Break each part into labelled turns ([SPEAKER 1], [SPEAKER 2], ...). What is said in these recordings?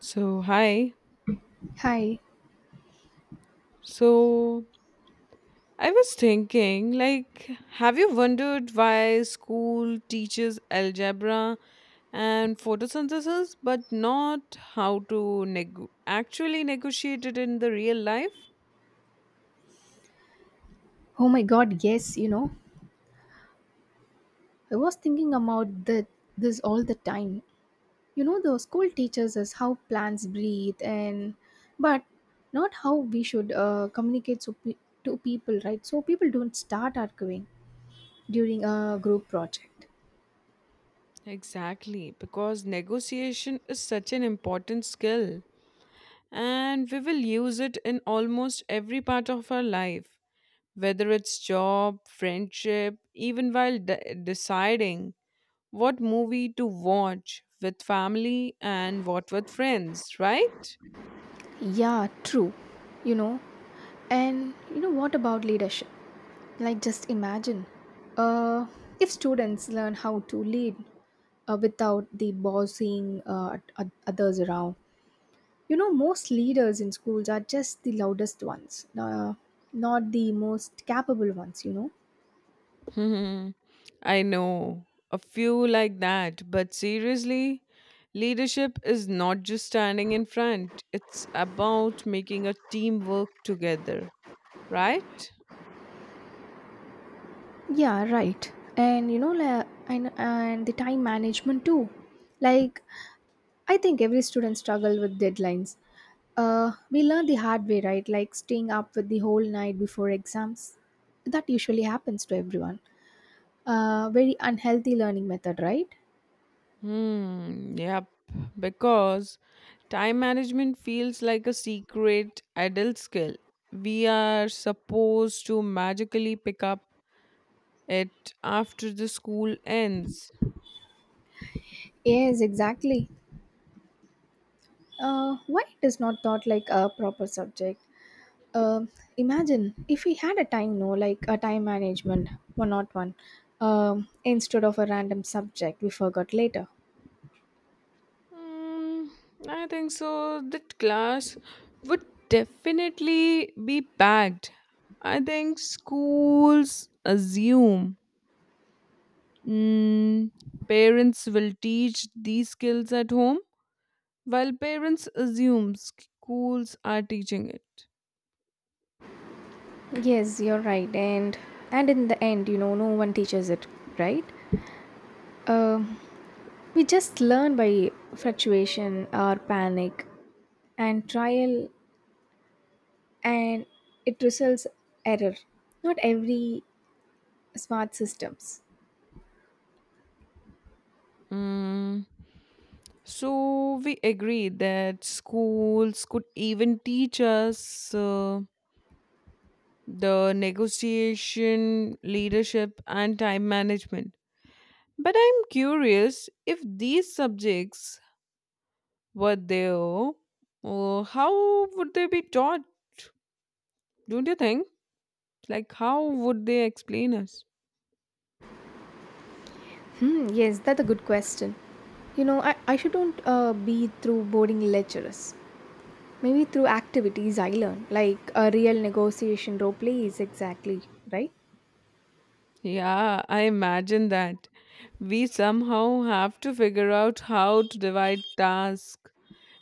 [SPEAKER 1] So, hi.
[SPEAKER 2] Hi.
[SPEAKER 1] So, I was thinking, have you wondered why school teaches algebra and photosynthesis, but not how to actually negotiate it in the real life?
[SPEAKER 2] Oh my god, yes, I was thinking about this all the time. You know, the school teaches us how plants breathe and but not how we should communicate to people, right? So people don't start arguing during a group project.
[SPEAKER 1] Exactly, because negotiation is such an important skill, and we will use it in almost every part of our life, whether it's job, friendship, even while deciding what movie to watch with family and what with friends, right?
[SPEAKER 2] Yeah, true. You know, and what about leadership? Like just imagine uh, if students learn how to lead without the bossing others around. You know, most leaders in schools are just the loudest ones, not the most capable ones,
[SPEAKER 1] Hmm, I know a few like that, but seriously, leadership is not just standing in front, it's about making a team work together, right?
[SPEAKER 2] Yeah, right. And the time management too. Like, I think every student struggle with deadlines. We learn the hard way, right? Like staying up with the whole night before exams. That usually happens to everyone. Very unhealthy learning method, right?
[SPEAKER 1] Yep, because time management feels like a secret adult skill. We are supposed to magically pick up it after the school ends?
[SPEAKER 2] Yes, exactly. Why it is not taught like a proper subject? Um, Imagine if we had a time, no, like a time management, one not one, instead of a random subject we forgot later.
[SPEAKER 1] Mm, I think so. That class would definitely be packed. I think schools assume mm, parents will teach these skills at home, while parents assume schools are teaching it.
[SPEAKER 2] Yes, you're right, and in the end, no one teaches it, right? Um, we just learn by fluctuation or panic and trial, and it results error. Not every smart systems.
[SPEAKER 1] Mm, so we agree that schools could even teach us, the negotiation, leadership, and time management. But I'm curious if these subjects were there, how would they be taught? Don't you think? Like, how would they explain us?
[SPEAKER 2] Hmm, yes, that's a good question. I shouldn't be through boarding lectures. Maybe through activities I learn, like a real negotiation role plays, exactly, right?
[SPEAKER 1] Yeah, I imagine that. We somehow have to figure out how to divide tasks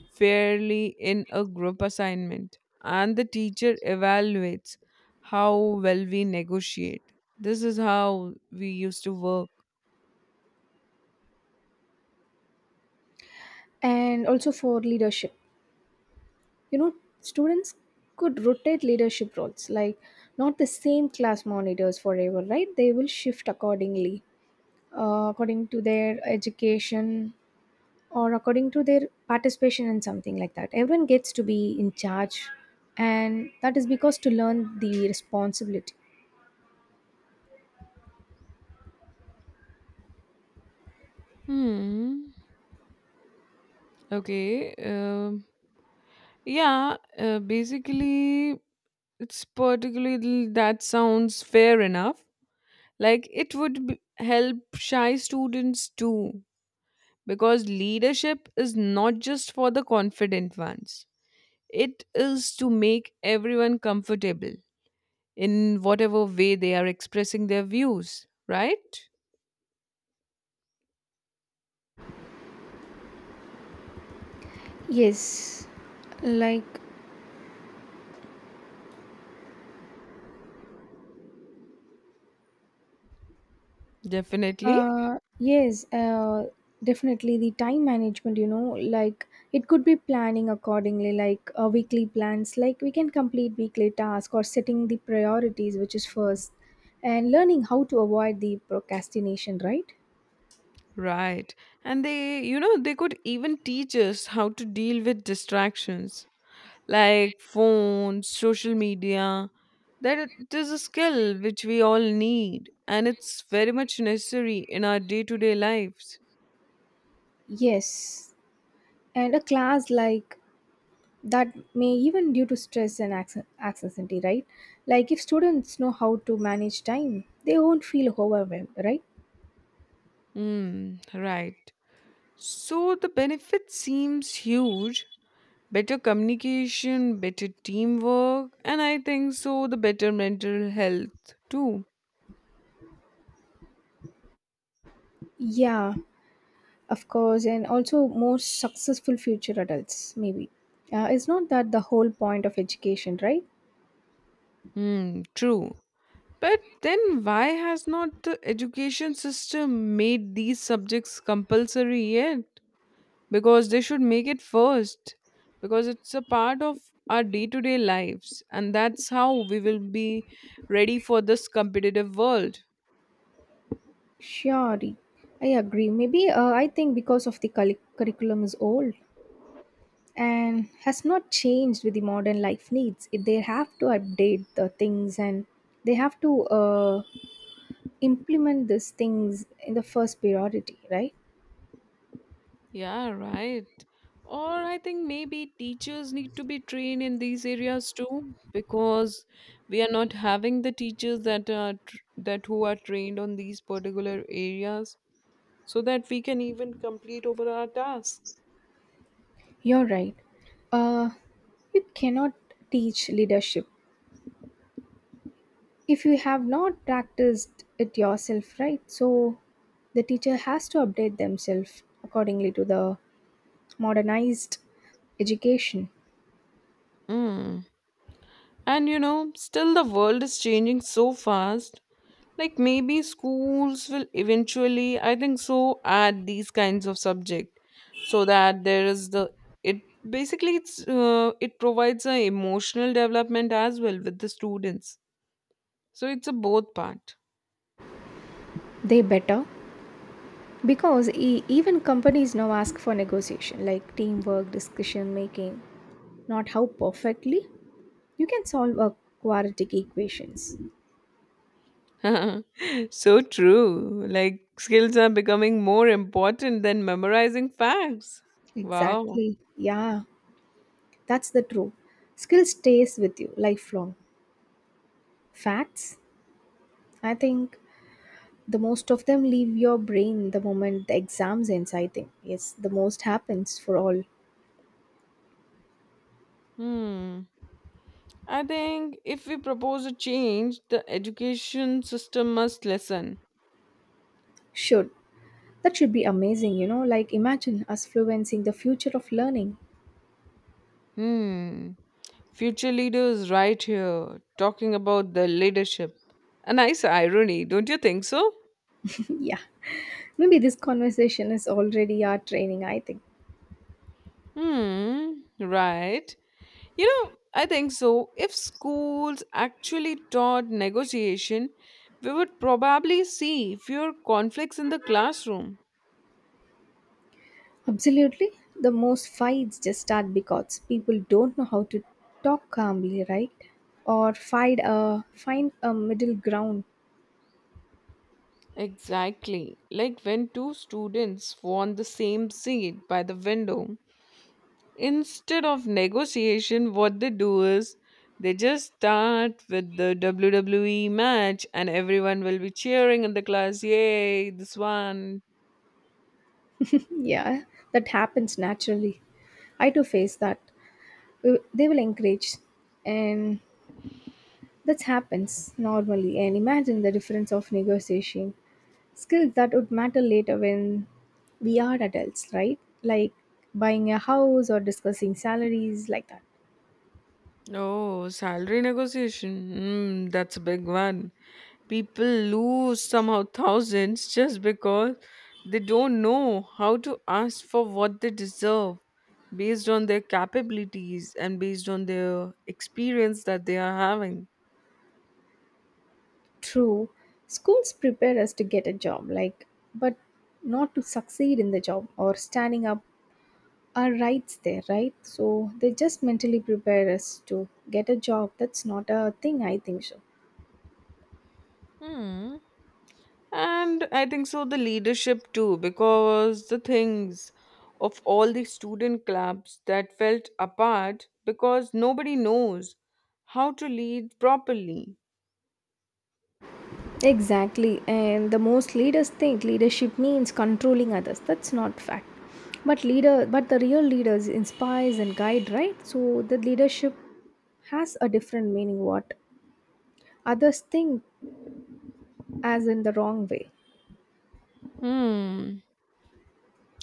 [SPEAKER 1] fairly in a group assignment, and the teacher evaluates how well we negotiate. This is how we used to work.
[SPEAKER 2] And also for leadership. You know, students could rotate leadership roles, like not the same class monitors forever, right? They will shift accordingly, according to their education or according to their participation in something like that. Everyone gets to be in charge, and that is because to learn the responsibility.
[SPEAKER 1] Hmm. Okay. Yeah. Basically, it's particularly that sounds fair enough. Like it would help shy students too, because leadership is not just for the confident ones. It is to make everyone comfortable in whatever way they are expressing their views, right?
[SPEAKER 2] Yes, like
[SPEAKER 1] Definitely.
[SPEAKER 2] Uh, yes, uh, definitely the time management, like it could be planning accordingly, like weekly plans, like we can complete weekly task or setting the priorities, which is first, and learning how to avoid the procrastination, right?
[SPEAKER 1] Right. And they, you know, they could even teach us how to deal with distractions like phones, social media. That it is a skill which we all need and it's very much necessary in our day to day lives.
[SPEAKER 2] Yes, and a class like that may even due to stress and anxiety, right? Like if students know how to manage time, they won't feel overwhelmed, right?
[SPEAKER 1] Hmm, right. So the benefit seems huge, better communication, better teamwork, and I think so the better mental health too.
[SPEAKER 2] Yeah, of course, and also more successful future adults, maybe. It's not that the whole point of education, right?
[SPEAKER 1] Hmm, true. But then why has not the education system made these subjects compulsory yet? Because they should make it first. Because it's a part of our day to day lives, and that's how we will be ready for this competitive world.
[SPEAKER 2] Sure, I agree. Maybe I think because of the curriculum is old and has not changed with the modern life needs. They have to update the things and they have to implement these things in the first priority, right?
[SPEAKER 1] Yeah, right. Or I think maybe teachers need to be trained in these areas too, because we are not having the teachers that are that who are trained on these particular areas, so that we can even complete over our task.
[SPEAKER 2] You're right. Uh, you cannot teach leadership if you have not practiced it yourself, right? So the teacher has to update themselves accordingly to the modernized education.
[SPEAKER 1] Mm. And you know, still the world is changing so fast. Like maybe schools will eventually, I think so, add these kinds of subject so that there is the it basically it provides a emotional development as well with the students. So it's a both part.
[SPEAKER 2] They better, because even companies now ask for negotiation, like teamwork decision making, not how perfectly you can solve a quadratic equations.
[SPEAKER 1] So true. Like skills are becoming more important than memorizing facts. Wow.
[SPEAKER 2] Exactly, yeah, that's the truth. Skill stays with you lifelong. Facts, I think, the most of them leave your brain the moment the exams ends. I think yes, the most happens for all.
[SPEAKER 1] Hmm. I think if we propose a change, the education system must listen.
[SPEAKER 2] Should. That should be amazing, you know, like imagine us fluencing the future of learning.
[SPEAKER 1] Hmm. Future leaders, right here, talking about the leadership. A nice irony, don't you think so?
[SPEAKER 2] Yeah, maybe this conversation is already our training, I think.
[SPEAKER 1] Hmm, right. You know, I think so. If schools actually taught negotiation, we would probably see fewer conflicts in the classroom.
[SPEAKER 2] Absolutely, the most fights just start because people don't know how to talk calmly, right? Or find a middle ground.
[SPEAKER 1] Exactly. Like when two students were on the same seat by the window, instead of negotiation, what they do is they just start with the WWE match, and everyone will be cheering in the class. Yay, this one.
[SPEAKER 2] Yeah, that happens naturally. I do face that. They will encourage, and that happens normally. And imagine the difference of negotiation skills that would matter later when we are adults, right? Like buying a house or discussing salaries, like that.
[SPEAKER 1] Oh, salary negotiation. Mm, that's a big one. People lose somehow thousands just because they don't know how to ask for what they deserve based on their capabilities and based on their experience that they are having.
[SPEAKER 2] True, schools prepare us to get a job, like, but not to succeed in the job or standing up our rights there, right? So they just mentally prepare us to get a job. That's not a thing, I think so.
[SPEAKER 1] Hmm. And I think so the leadership too, because the things of all the student clubs that felt apart because nobody knows how to lead properly.
[SPEAKER 2] Exactly, and the most leaders think leadership means controlling others. That's not fact. But the real leaders inspires and guide, right? So the leadership has a different meaning. What others think as in the wrong way.
[SPEAKER 1] Hmm.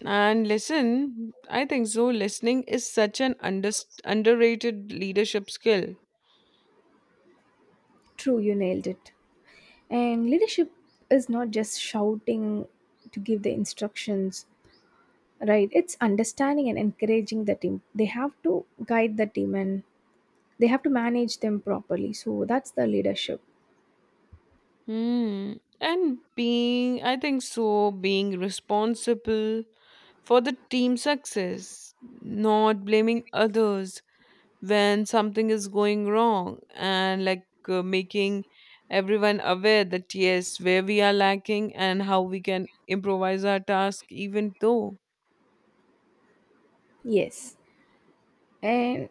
[SPEAKER 1] And listen, I think so. Listening is such an underrated leadership skill.
[SPEAKER 2] True, you nailed it. And leadership is not just shouting to give the instructions, right? It's understanding and encouraging the team. They have to guide the team and they have to manage them properly. So that's the leadership.
[SPEAKER 1] Hmm. And being, I think so, being responsible for the team success, not blaming others when something is going wrong and making everyone aware that yes where we are lacking and how we can improvise our task even though
[SPEAKER 2] Yes. And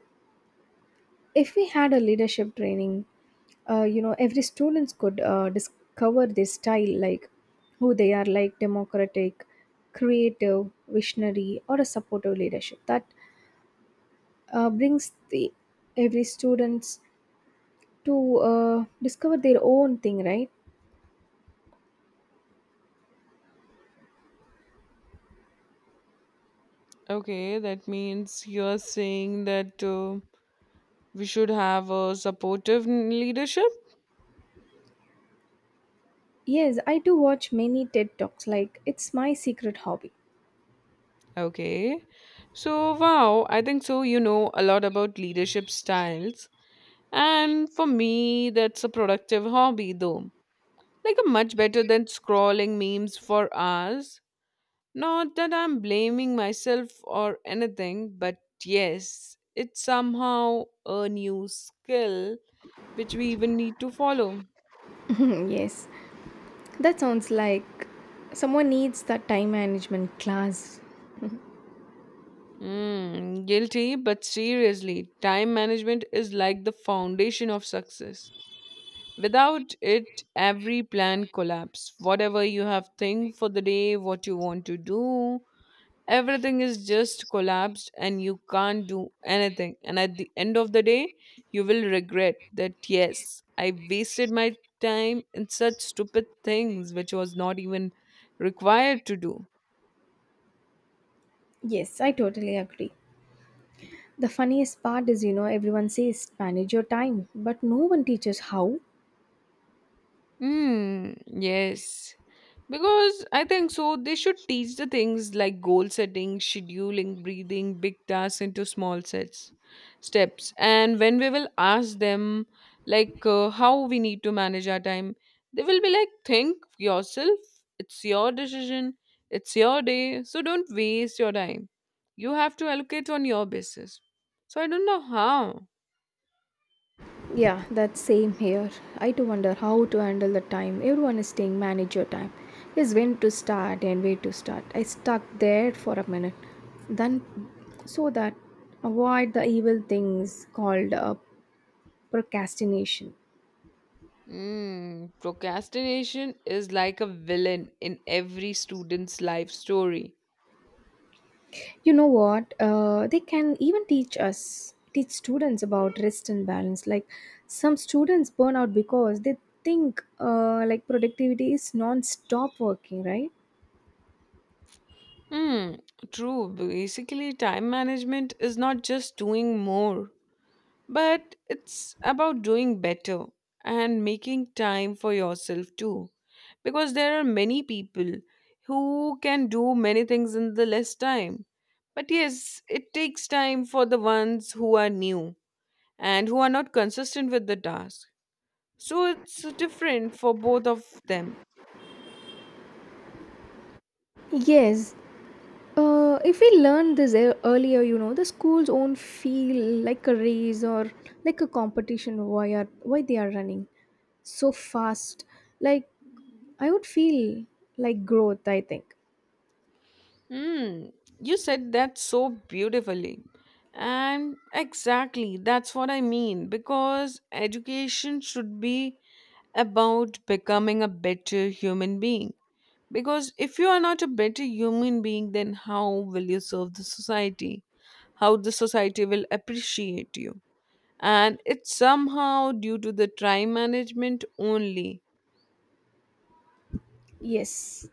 [SPEAKER 2] if we had a leadership training, you know, every students could discover their style, like who they are, like democratic, creative, visionary, or a supportive leadership that brings the every students to discover their own thing, right?
[SPEAKER 1] okay that means you're saying that we should have a supportive leadership.
[SPEAKER 2] Yes, I do watch many TED talks, like it's my secret hobby.
[SPEAKER 1] Okay. So wow, I think so, you know a lot about leadership styles, and for me that's a productive hobby though, like a much better than scrolling memes for hours. Not that I'm blaming myself or anything, but yes, it's somehow a new skill which we even need to follow.
[SPEAKER 2] Yes, that sounds like someone needs that time management class.
[SPEAKER 1] Hmm, guilty, but seriously, time management is like the foundation of success. Without it, every plan collapse. Whatever you have think for the day, what you want to do, everything is just collapsed and you can't do anything and at the end of the day you will regret that yes I wasted my time in such stupid things which was not even required to do.
[SPEAKER 2] Yes, I totally agree. The funniest part is, you know, everyone says manage your time, but no one teaches how.
[SPEAKER 1] Hmm, yes. Because I think so, they should teach the things like goal setting, scheduling, breathing, big tasks into small sets, steps. And when we will ask them, how we need to manage our time, they will be like, think yourself. It's your decision. It's your day. So don't waste your time. You have to allocate on your basis. So I don't know how.
[SPEAKER 2] Yeah, that's same here. I too wonder how to handle the time. Everyone is saying manage your time. Is when to start and where to start. I stuck there for a minute. Then, so that avoid the evil things called procrastination.
[SPEAKER 1] Mm, procrastination is like a villain in every student's life story.
[SPEAKER 2] You know what? They can even teach students about rest and balance. Like some students burn out because they think like productivity is non-stop working, right?
[SPEAKER 1] Hmm, true. Basically, time management is not just doing more, but it's about doing better and making time for yourself too. Because there are many people who can do many things in the less time. But yes, it takes time for the ones who are new and who are not consistent with the task. So it's different for both of them.
[SPEAKER 2] Yes. If we learn this earlier, you know, the schools won't feel like a race or like a competition. Why are why they are running so fast. Like I would feel like growth, I think.
[SPEAKER 1] Hmm, you said that so beautifully. And exactly, that's what I mean because education should be about becoming a better human being. Because if you are not a better human being, then how will you serve the society? How the society will appreciate you? And it's somehow due to the time management only.
[SPEAKER 2] Yes.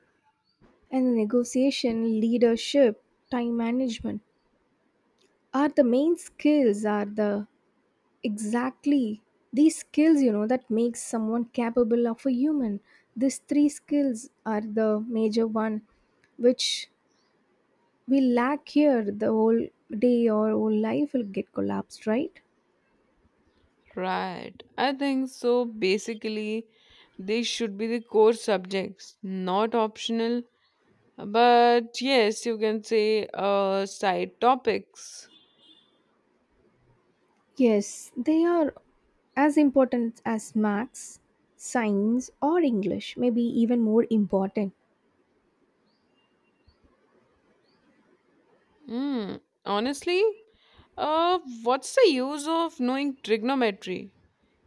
[SPEAKER 2] And negotiation, leadership, time management are the main skills, are the, exactly, these skills, you know, that makes someone capable of a human. These three skills are the major one which we lack here. The whole day or whole life will get collapsed, right?
[SPEAKER 1] Right. I think so. Basically, they should be the core subjects, not optional. But yes, you can say side topics.
[SPEAKER 2] Yes, they are as important as maths, science, or english, maybe even more important.
[SPEAKER 1] Hmm. Honestly, what's the use of knowing trigonometry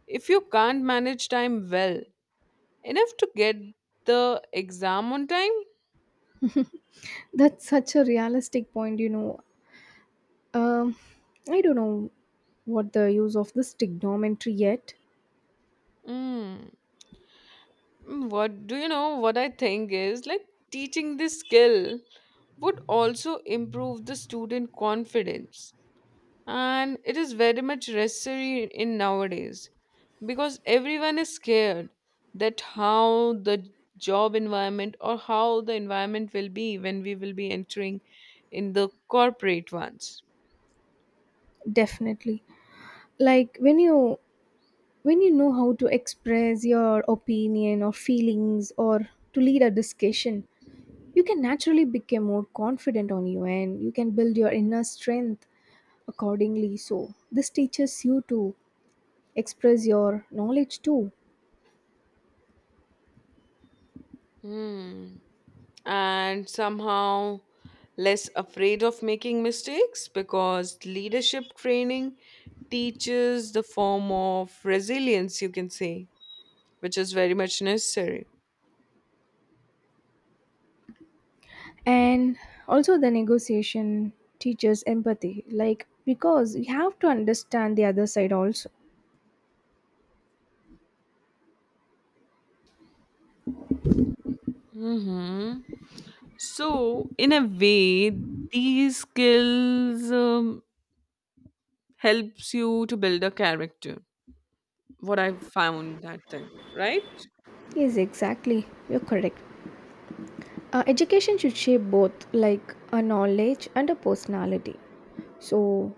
[SPEAKER 1] if you can't manage time well enough to get the exam on time?
[SPEAKER 2] That's such a realistic point, you know. Um, I don't know what the use of this trigonometry yet.
[SPEAKER 1] Mm. What do you know? What I think is like teaching this skill would also improve the student confidence and it is very much necessary in nowadays because everyone is scared that how the job environment or how the environment will be when we will be entering in the corporate ones.
[SPEAKER 2] Definitely, like when you know how to express your opinion or feelings or to lead a discussion, you can naturally become more confident on you and you can build your inner strength accordingly. So this teaches you to express your knowledge too,
[SPEAKER 1] Hmm. And somehow less afraid of making mistakes because leadership training teaches the form of resilience, you can say, which is very much necessary.
[SPEAKER 2] and also the negotiation teaches empathy. Like because you have to understand the other side also.
[SPEAKER 1] Hmm. So, in a way, these skills helps you to build a character. What I found that thing, right?
[SPEAKER 2] Yes, exactly. You're correct. Education should shape both, like a knowledge and a personality. So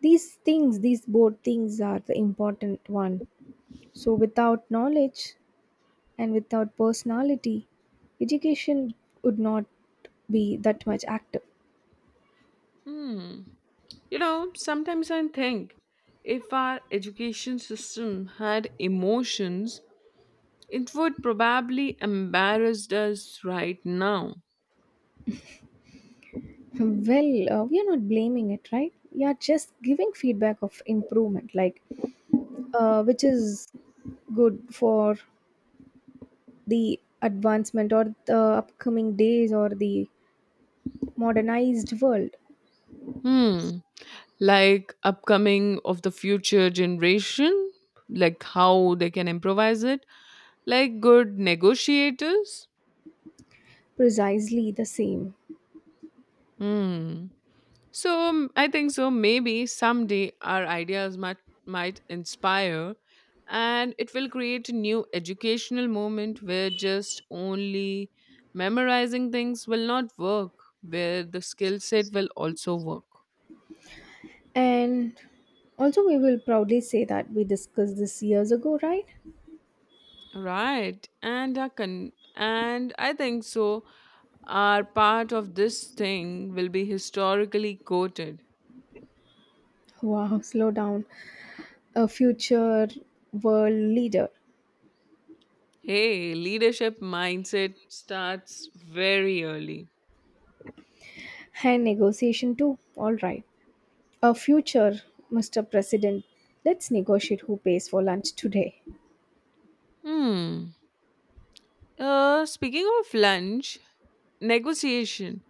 [SPEAKER 2] these things, these both things are the important one. So without knowledge and without personality, education would not be that much active.
[SPEAKER 1] Hmm. You know, sometimes I think if our education system had emotions, it would probably embarrass us right now.
[SPEAKER 2] Well, we are not blaming it, right? We are just giving feedback of improvement, like which is good for the advancement or the upcoming days or the modernized world.
[SPEAKER 1] Hmm. Like upcoming of the future generation, like how they can improvise it, like good negotiators.
[SPEAKER 2] Precisely the same.
[SPEAKER 1] Hmm. So I think so. Maybe someday our ideas might inspire, and it will create a new educational moment where just only memorizing things will not work, where the skill set will also work.
[SPEAKER 2] And also, we will proudly say that we discussed this years ago, right?
[SPEAKER 1] Right, and a and I think so, our part of this thing will be historically quoted.
[SPEAKER 2] Wow, slow down. A future world leader.
[SPEAKER 1] Hey, leadership mindset starts very early.
[SPEAKER 2] And negotiation too. All right. A future Mr. President. Let's negotiate who pays for lunch today.
[SPEAKER 1] Hmm. Speaking of lunch, negotiation.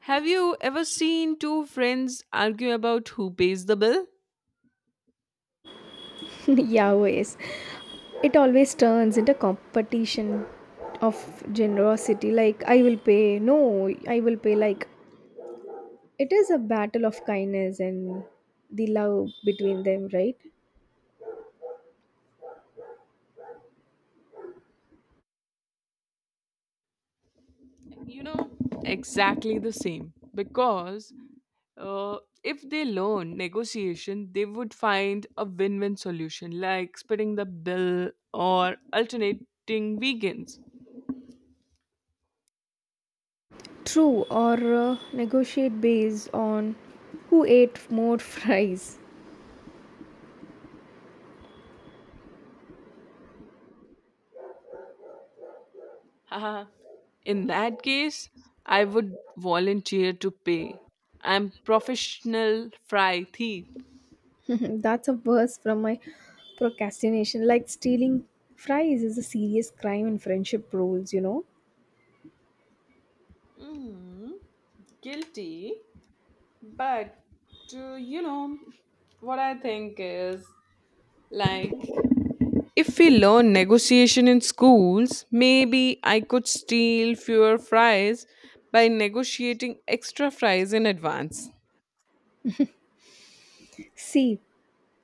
[SPEAKER 1] Have you ever seen two friends argue about who pays the bill?
[SPEAKER 2] Yeah, always. It always turns into competition of generosity. Like, I will pay. No, I will pay. Like, it is a battle of kindness and the love between them, right?
[SPEAKER 1] You know, exactly the same. Because if they learn negotiation, they would find a win win solution like splitting the bill or alternating vegans.
[SPEAKER 2] True. Or negotiate based on who ate more fries.
[SPEAKER 1] Haha. In that case, I would volunteer to pay. I'm professional fry thief.
[SPEAKER 2] That's a verse from my procrastination. Like stealing fries is a serious crime in friendship rules, you know.
[SPEAKER 1] Guilty, but you know what I think is like, if we learn negotiation in schools, maybe I could steal fewer fries by negotiating extra fries in advance.
[SPEAKER 2] See,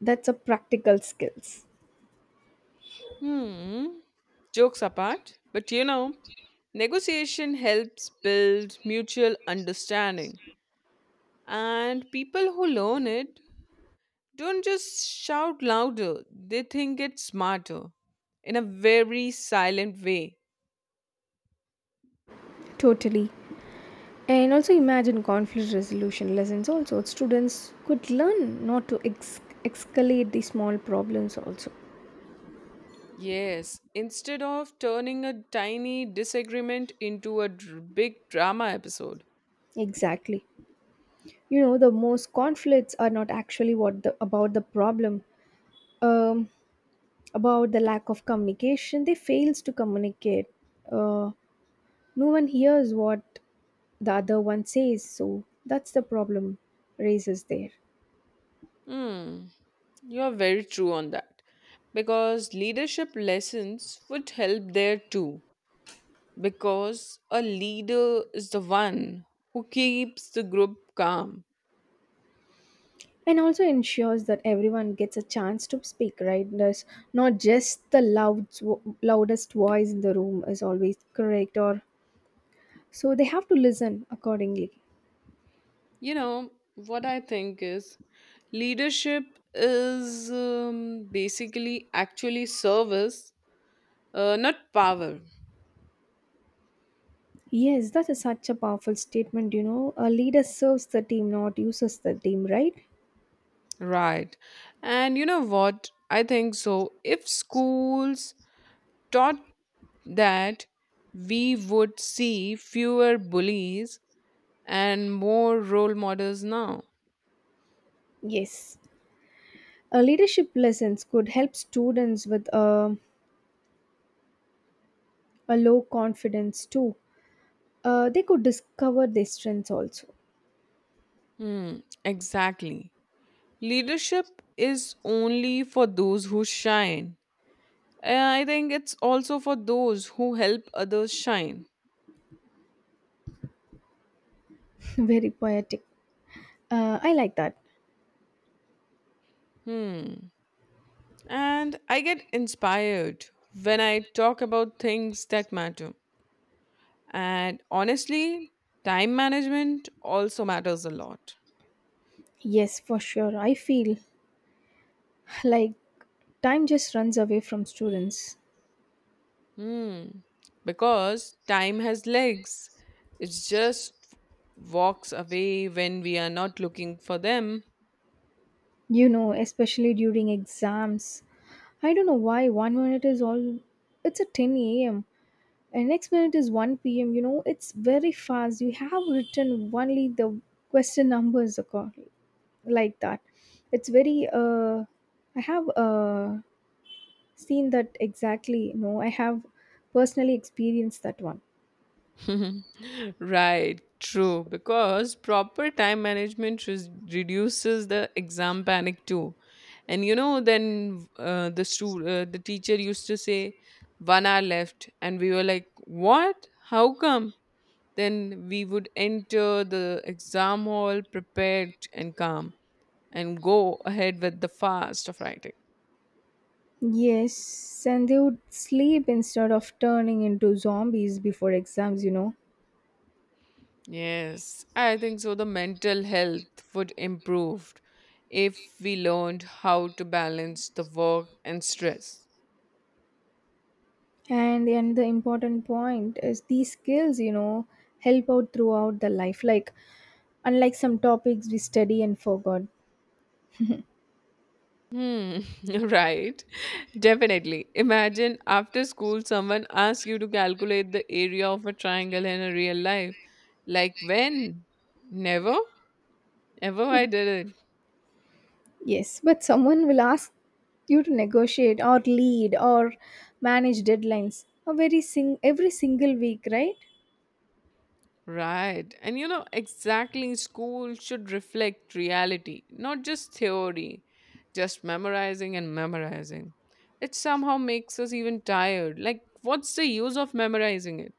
[SPEAKER 2] that's a practical skills.
[SPEAKER 1] Hmm. Jokes apart, but you know, negotiation helps build mutual understanding. And people who learn it don't just shout louder, they think it smarter in a very silent way.
[SPEAKER 2] Totally. And also imagine conflict resolution lessons also. Students could learn not to escalate the small problems also.
[SPEAKER 1] Yes, instead of turning a tiny disagreement into a big drama episode.
[SPEAKER 2] Exactly. You know, the most conflicts are not actually what the about the problem, um, about the lack of communication. They fails to communicate, uh, no one hears what the other one says, so that's the problem raises there.
[SPEAKER 1] Hmm, you're very true on that. Because leadership lessons would help there too. Because a leader is the one who keeps the group calm.
[SPEAKER 2] And also ensures that everyone gets a chance to speak, right? There's not just the loudest voice in the room is always correct, or so they have to listen accordingly.
[SPEAKER 1] You know, what I think is leadership is basically actually service, not power.
[SPEAKER 2] Yes, that is such a powerful statement. You know, a leader serves the team, not uses the team, right?
[SPEAKER 1] Right. And you know what? I think so. If schools taught that, we would see fewer bullies and more role models now.
[SPEAKER 2] Yes. Leadership lessons could help students with a low confidence too. They could discover their strengths also.
[SPEAKER 1] Hmm, exactly. Leadership is only for those who shine. And I think it's also for those who help others shine.
[SPEAKER 2] Very poetic. I like that.
[SPEAKER 1] Hmm. And I get inspired when I talk about things that matter. And honestly, time management also matters a lot.
[SPEAKER 2] Yes, for sure. I feel like time just runs away from students.
[SPEAKER 1] Hmm. Because time has legs. It just walks away when we are not looking for them.
[SPEAKER 2] You know, especially during exams. I don't know why 1 minute is all. It's a 10 a.m. and next minute is 1 p.m, you know, it's very fast. You have written only the question numbers, like that. It's very I have seen that exactly. You know, I have personally experienced that one.
[SPEAKER 1] Right, true. Because proper time management reduces the exam panic too. And you know, the teacher used to say, "1 hour left," and we were like, "What? How come?" Then we would enter the exam hall prepared and calm and go ahead with the fast of writing.
[SPEAKER 2] Yes, and they would sleep instead of turning into zombies before exams, you know.
[SPEAKER 1] Yes, I think so. The mental health would improve if we learned how to balance the work and stress.
[SPEAKER 2] And the important point is these skills, you know, help out throughout the life, like unlike some topics we study and forgot.
[SPEAKER 1] Hmm, right. Definitely. Imagine after school, someone asks you to calculate the area of a triangle in a real life. Like when? Never? Ever I did it.
[SPEAKER 2] Yes, but someone will ask you to negotiate or lead or manage deadlines a very every single week, right?
[SPEAKER 1] Right. And you know, exactly, school should reflect reality, not just theory, just memorizing and memorizing. It somehow makes us even tired. Like, what's the use of memorizing it?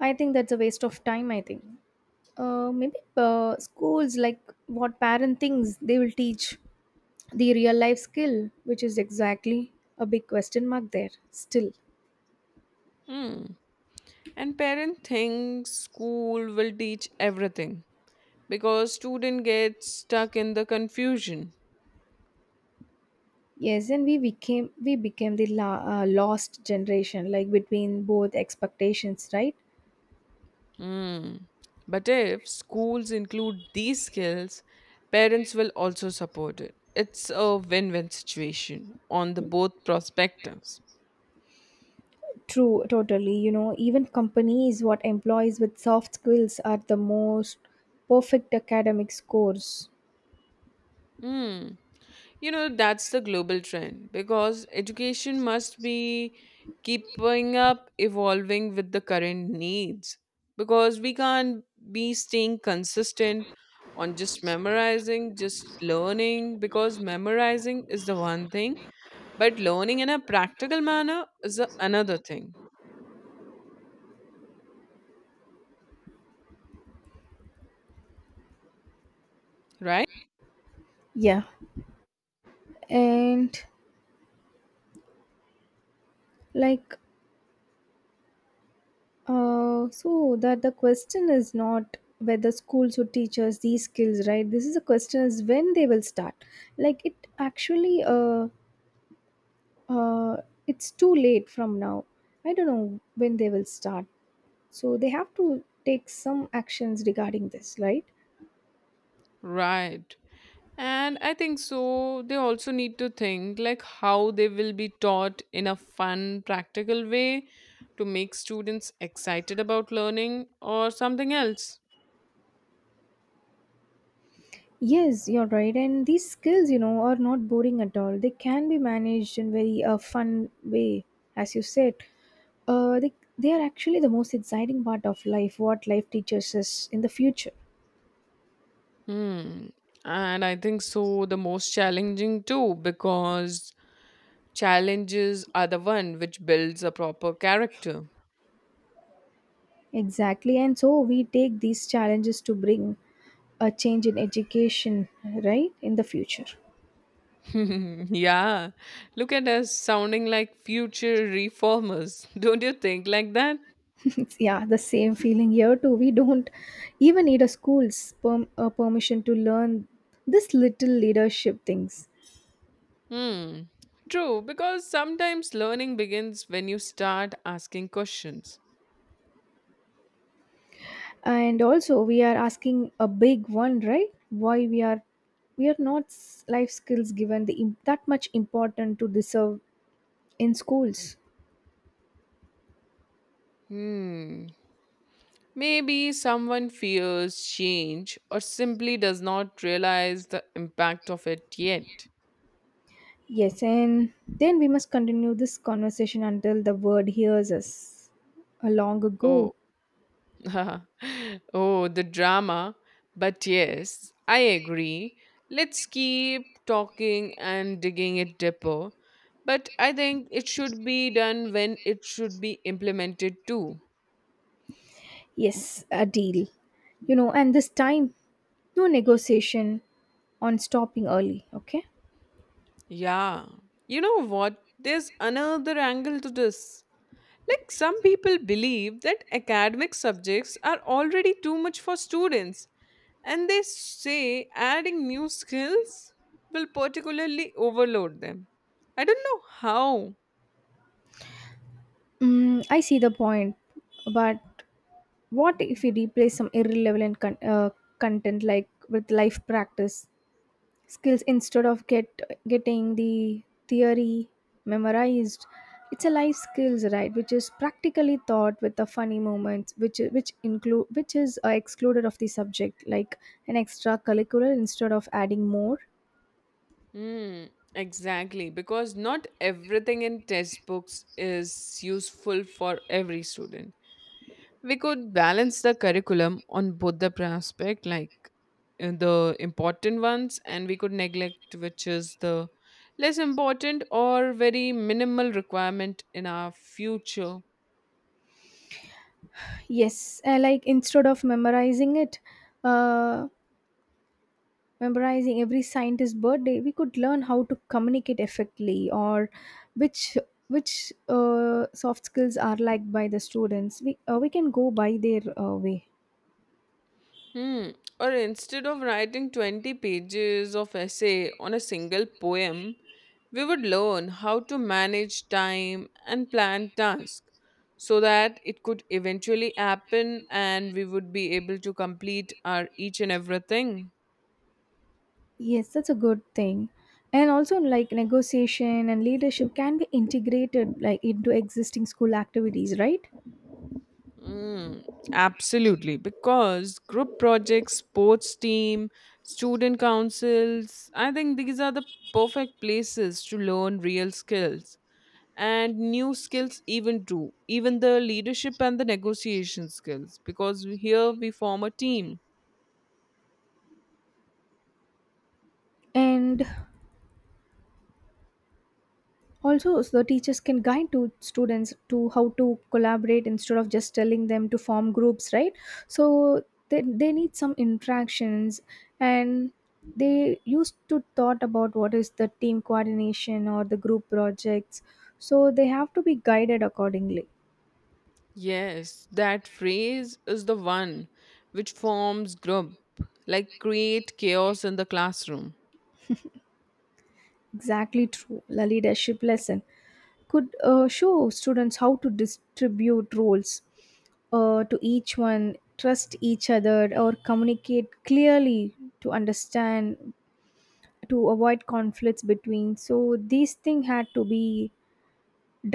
[SPEAKER 2] I think that's a waste of time, I think. Maybe schools, like, what parent thinks they will teach the real life skill, which is exactly a big question mark there still.
[SPEAKER 1] Hmm. And parent thinks school will teach everything because student gets stuck in the confusion.
[SPEAKER 2] Yes, and we became the lost generation, like between both expectations, right?
[SPEAKER 1] Mm. But if schools include these skills, parents will also support it. It's a win win situation on the both perspectives.
[SPEAKER 2] True, totally. You know, even companies what employees with soft skills are the most perfect academic scores.
[SPEAKER 1] Hmm. You know, that's the global trend because education must be keeping up, evolving with the current needs. Because we can't be staying consistent on just memorizing, just learning, because memorizing is the one thing, but learning in a practical manner is another thing, right?
[SPEAKER 2] Yeah, and, like, so that the question is not whether schools would teach us these skills, right? This is a question is when they will start. Like, it actually, uh, it's too late from now. I don't know when they will start. So they have to take some actions regarding this, right?
[SPEAKER 1] Right. And I think so, they also need to think like how they will be taught in a fun, practical way to make students excited about learning or something else.
[SPEAKER 2] Yes, you're right. And these skills, you know, are not boring at all. They can be managed in very fun way, as you said. They are actually the most exciting part of life, what life teaches us in the future.
[SPEAKER 1] Hmm. And I think so, the most challenging too, because challenges are the one which builds a proper character.
[SPEAKER 2] Exactly. And so we take these challenges to bring a change in education, right, in the future.
[SPEAKER 1] Yeah. Look at us sounding like future reformers. Don't you think like that?
[SPEAKER 2] Yeah, the same feeling here too. We don't even need a school's permission to learn this little leadership things.
[SPEAKER 1] Hmm. True, because sometimes learning begins when you start asking questions.
[SPEAKER 2] And also we are asking a big one, right? Why we are not life skills given the that much important to deserve in schools.
[SPEAKER 1] Hmm. Maybe someone fears change or simply does not realize the impact of it yet.
[SPEAKER 2] Yes, and then we must continue this conversation until the word hears us a long ago.
[SPEAKER 1] Oh, oh, the drama. But yes, I agree. Let's keep talking and digging it deeper. But I think it should be done when it should be implemented too.
[SPEAKER 2] Yes, a deal. You know, and this time, no negotiation on stopping early, okay.
[SPEAKER 1] Yeah. You know what? There's another angle to this. Like, some people believe that academic subjects are already too much for students, and they say adding new skills will particularly overload them. I don't know how.
[SPEAKER 2] Mm, I see the point, but what if we replace some irrelevant content, like, with life practice skills instead of getting the theory memorized? It's a life skills, right? Which is practically taught with the funny moments, which is excluded of the subject, like an extra curricular instead of adding more.
[SPEAKER 1] Hmm, exactly, because not everything in textbooks is useful for every student. We could balance the curriculum on both the prospect like the important ones, and we could neglect which is the less important or very minimal requirement in our future.
[SPEAKER 2] Yes, like instead of memorizing it, uh, memorizing every scientist's birthday, we could learn how to communicate effectively. Or which which soft skills are liked by the students, we can go by their way.
[SPEAKER 1] Hmm. Or instead of writing 20 pages of essay on a single poem, we would learn how to manage time and plan tasks, so that it could eventually happen and we would be able to complete our each and everything.
[SPEAKER 2] Yes, that's a good thing. And also, like, negotiation and leadership can be integrated, like, into existing school activities, right?
[SPEAKER 1] Mm, absolutely, because group projects, sports team, student councils, I think these are the perfect places to learn real skills and new skills, even too, even the leadership and the negotiation skills, because here we form a team.
[SPEAKER 2] And also, so the teachers can guide to students to how to collaborate instead of just telling them to form groups, right? So they need some interactions, and they used to thought about what is the team coordination or the group projects. So they have to be guided accordingly.
[SPEAKER 1] Yes, that phrase is the one which forms group, like create chaos in the classroom.
[SPEAKER 2] Exactly true. The leadership lesson could show students how to distribute roles to each one, trust each other, or communicate clearly to understand, to avoid conflicts between. So, these things had to be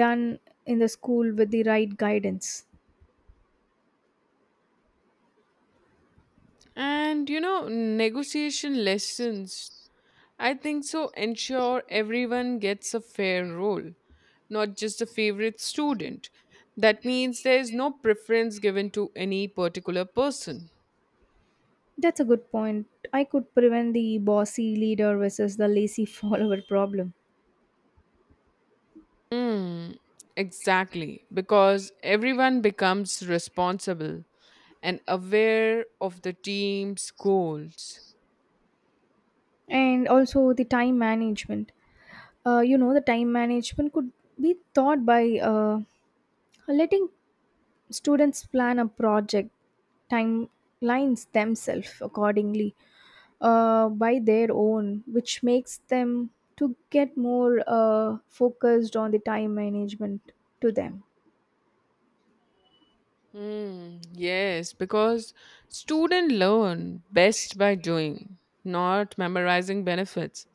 [SPEAKER 2] done in the school with the right guidance.
[SPEAKER 1] And you know, negotiation lessons, I think so, ensure everyone gets a fair role, not just a favorite student. That means there is no preference given to any particular person.
[SPEAKER 2] That's a good point. I could prevent the bossy leader versus the lazy follower problem.
[SPEAKER 1] Mm, exactly, because everyone becomes responsible and aware of the team's goals.
[SPEAKER 2] And also the time management. You know, the time management could be taught by letting students plan a project timelines themselves accordingly, by their own, which makes them to get more focused on the time management to them.
[SPEAKER 1] Mm, yes, because students learn best by doing, not memorizing benefits.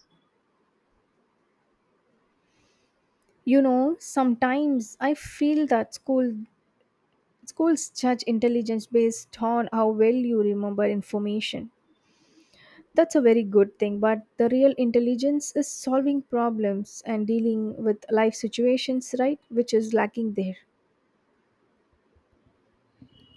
[SPEAKER 2] You know, sometimes I feel that schools judge intelligence based on how well you remember information. That's a very good thing, but the real intelligence is solving problems and dealing with life situations, right? Which is lacking there.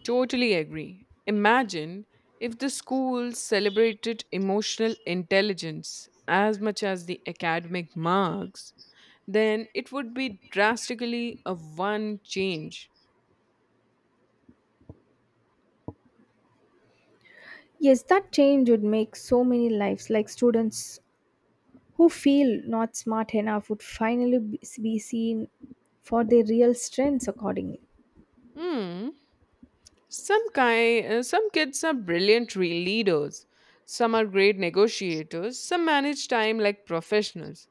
[SPEAKER 1] Totally agree. Imagine if the schools celebrated emotional intelligence as much as the academic marks, then it would be drastically a one change.
[SPEAKER 2] Yes, that change would make so many lives, like students who feel not smart enough would finally be seen for their real strengths accordingly.
[SPEAKER 1] Hmm. Some kids are brilliant leaders. Some are great negotiators. Some manage time like professionals,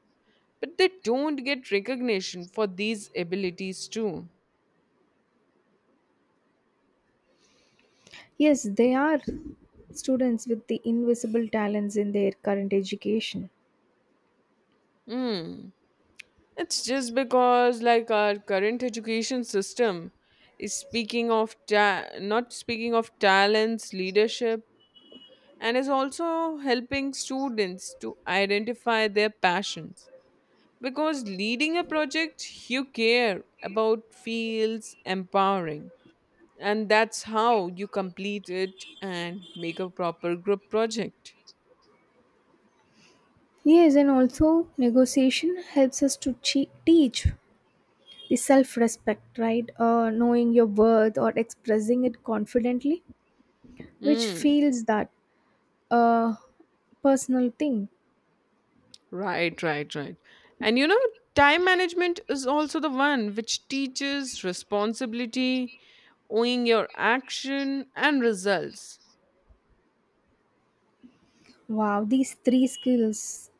[SPEAKER 1] but they don't get recognition for these abilities too.
[SPEAKER 2] Yes, they are students with the invisible talents in their current education.
[SPEAKER 1] Hmm. It's just because, like, our current education system is not speaking of talents, leadership, and is also helping students to identify their passions. Because leading a project you care about feels empowering, and that's how you complete it and make a proper group project.
[SPEAKER 2] Yes, and also negotiation helps us to teach the self respect, right? Knowing your worth or expressing it confidently, which
[SPEAKER 1] Hmm.
[SPEAKER 2] feels that a personal thing.
[SPEAKER 1] Right, right, right. And you know, time management is also the one which teaches responsibility, owing your action and results.
[SPEAKER 2] Wow, these three skills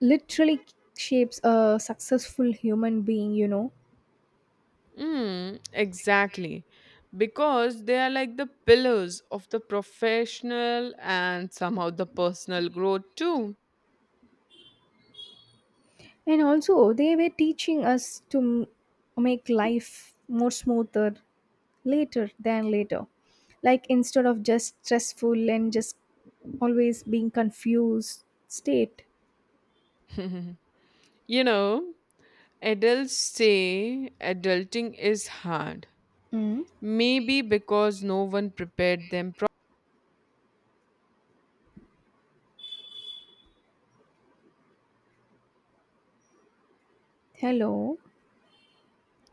[SPEAKER 2] literally shapes a successful human being, you know.
[SPEAKER 1] Mm, exactly. Because they are like the pillars of the professional and somehow the personal growth too.
[SPEAKER 2] And also they were teaching us to make life more smoother later than later, like instead of just stressful and just always being confused state.
[SPEAKER 1] You know, adults say adulting is hard.
[SPEAKER 2] Mm.
[SPEAKER 1] Maybe because no one prepared them. Pro-
[SPEAKER 2] Hello.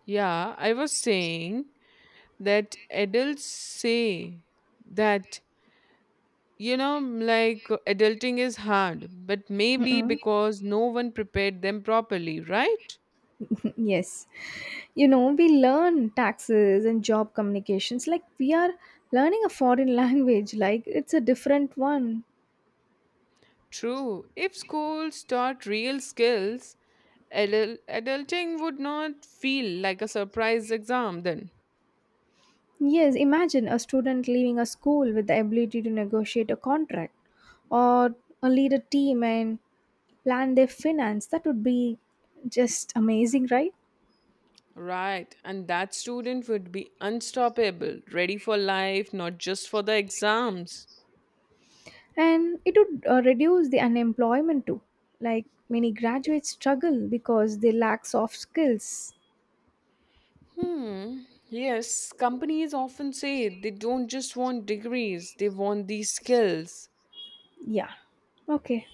[SPEAKER 1] yeah, I was saying that adults say that, you know, like adulting is hard, but maybe
[SPEAKER 2] Mm-mm.
[SPEAKER 1] because no one prepared them properly, right?
[SPEAKER 2] Yes, you know, we learn taxes and job communications like we are learning a foreign language, like it's a different one.
[SPEAKER 1] True, if schools taught real skills, adulting would not feel like a surprise exam then.
[SPEAKER 2] Yes, imagine a student leaving a school with the ability to negotiate a contract, or lead a team, and plan their finance. That would be just amazing, right?
[SPEAKER 1] Right, and that student would be unstoppable, ready for life, not just for the exams.
[SPEAKER 2] And it would reduce the unemployment too. Like many graduates struggle because they lack soft skills.
[SPEAKER 1] Hmm. Yes, companies often say they don't just want degrees, they want these skills.
[SPEAKER 2] Yeah. Okay.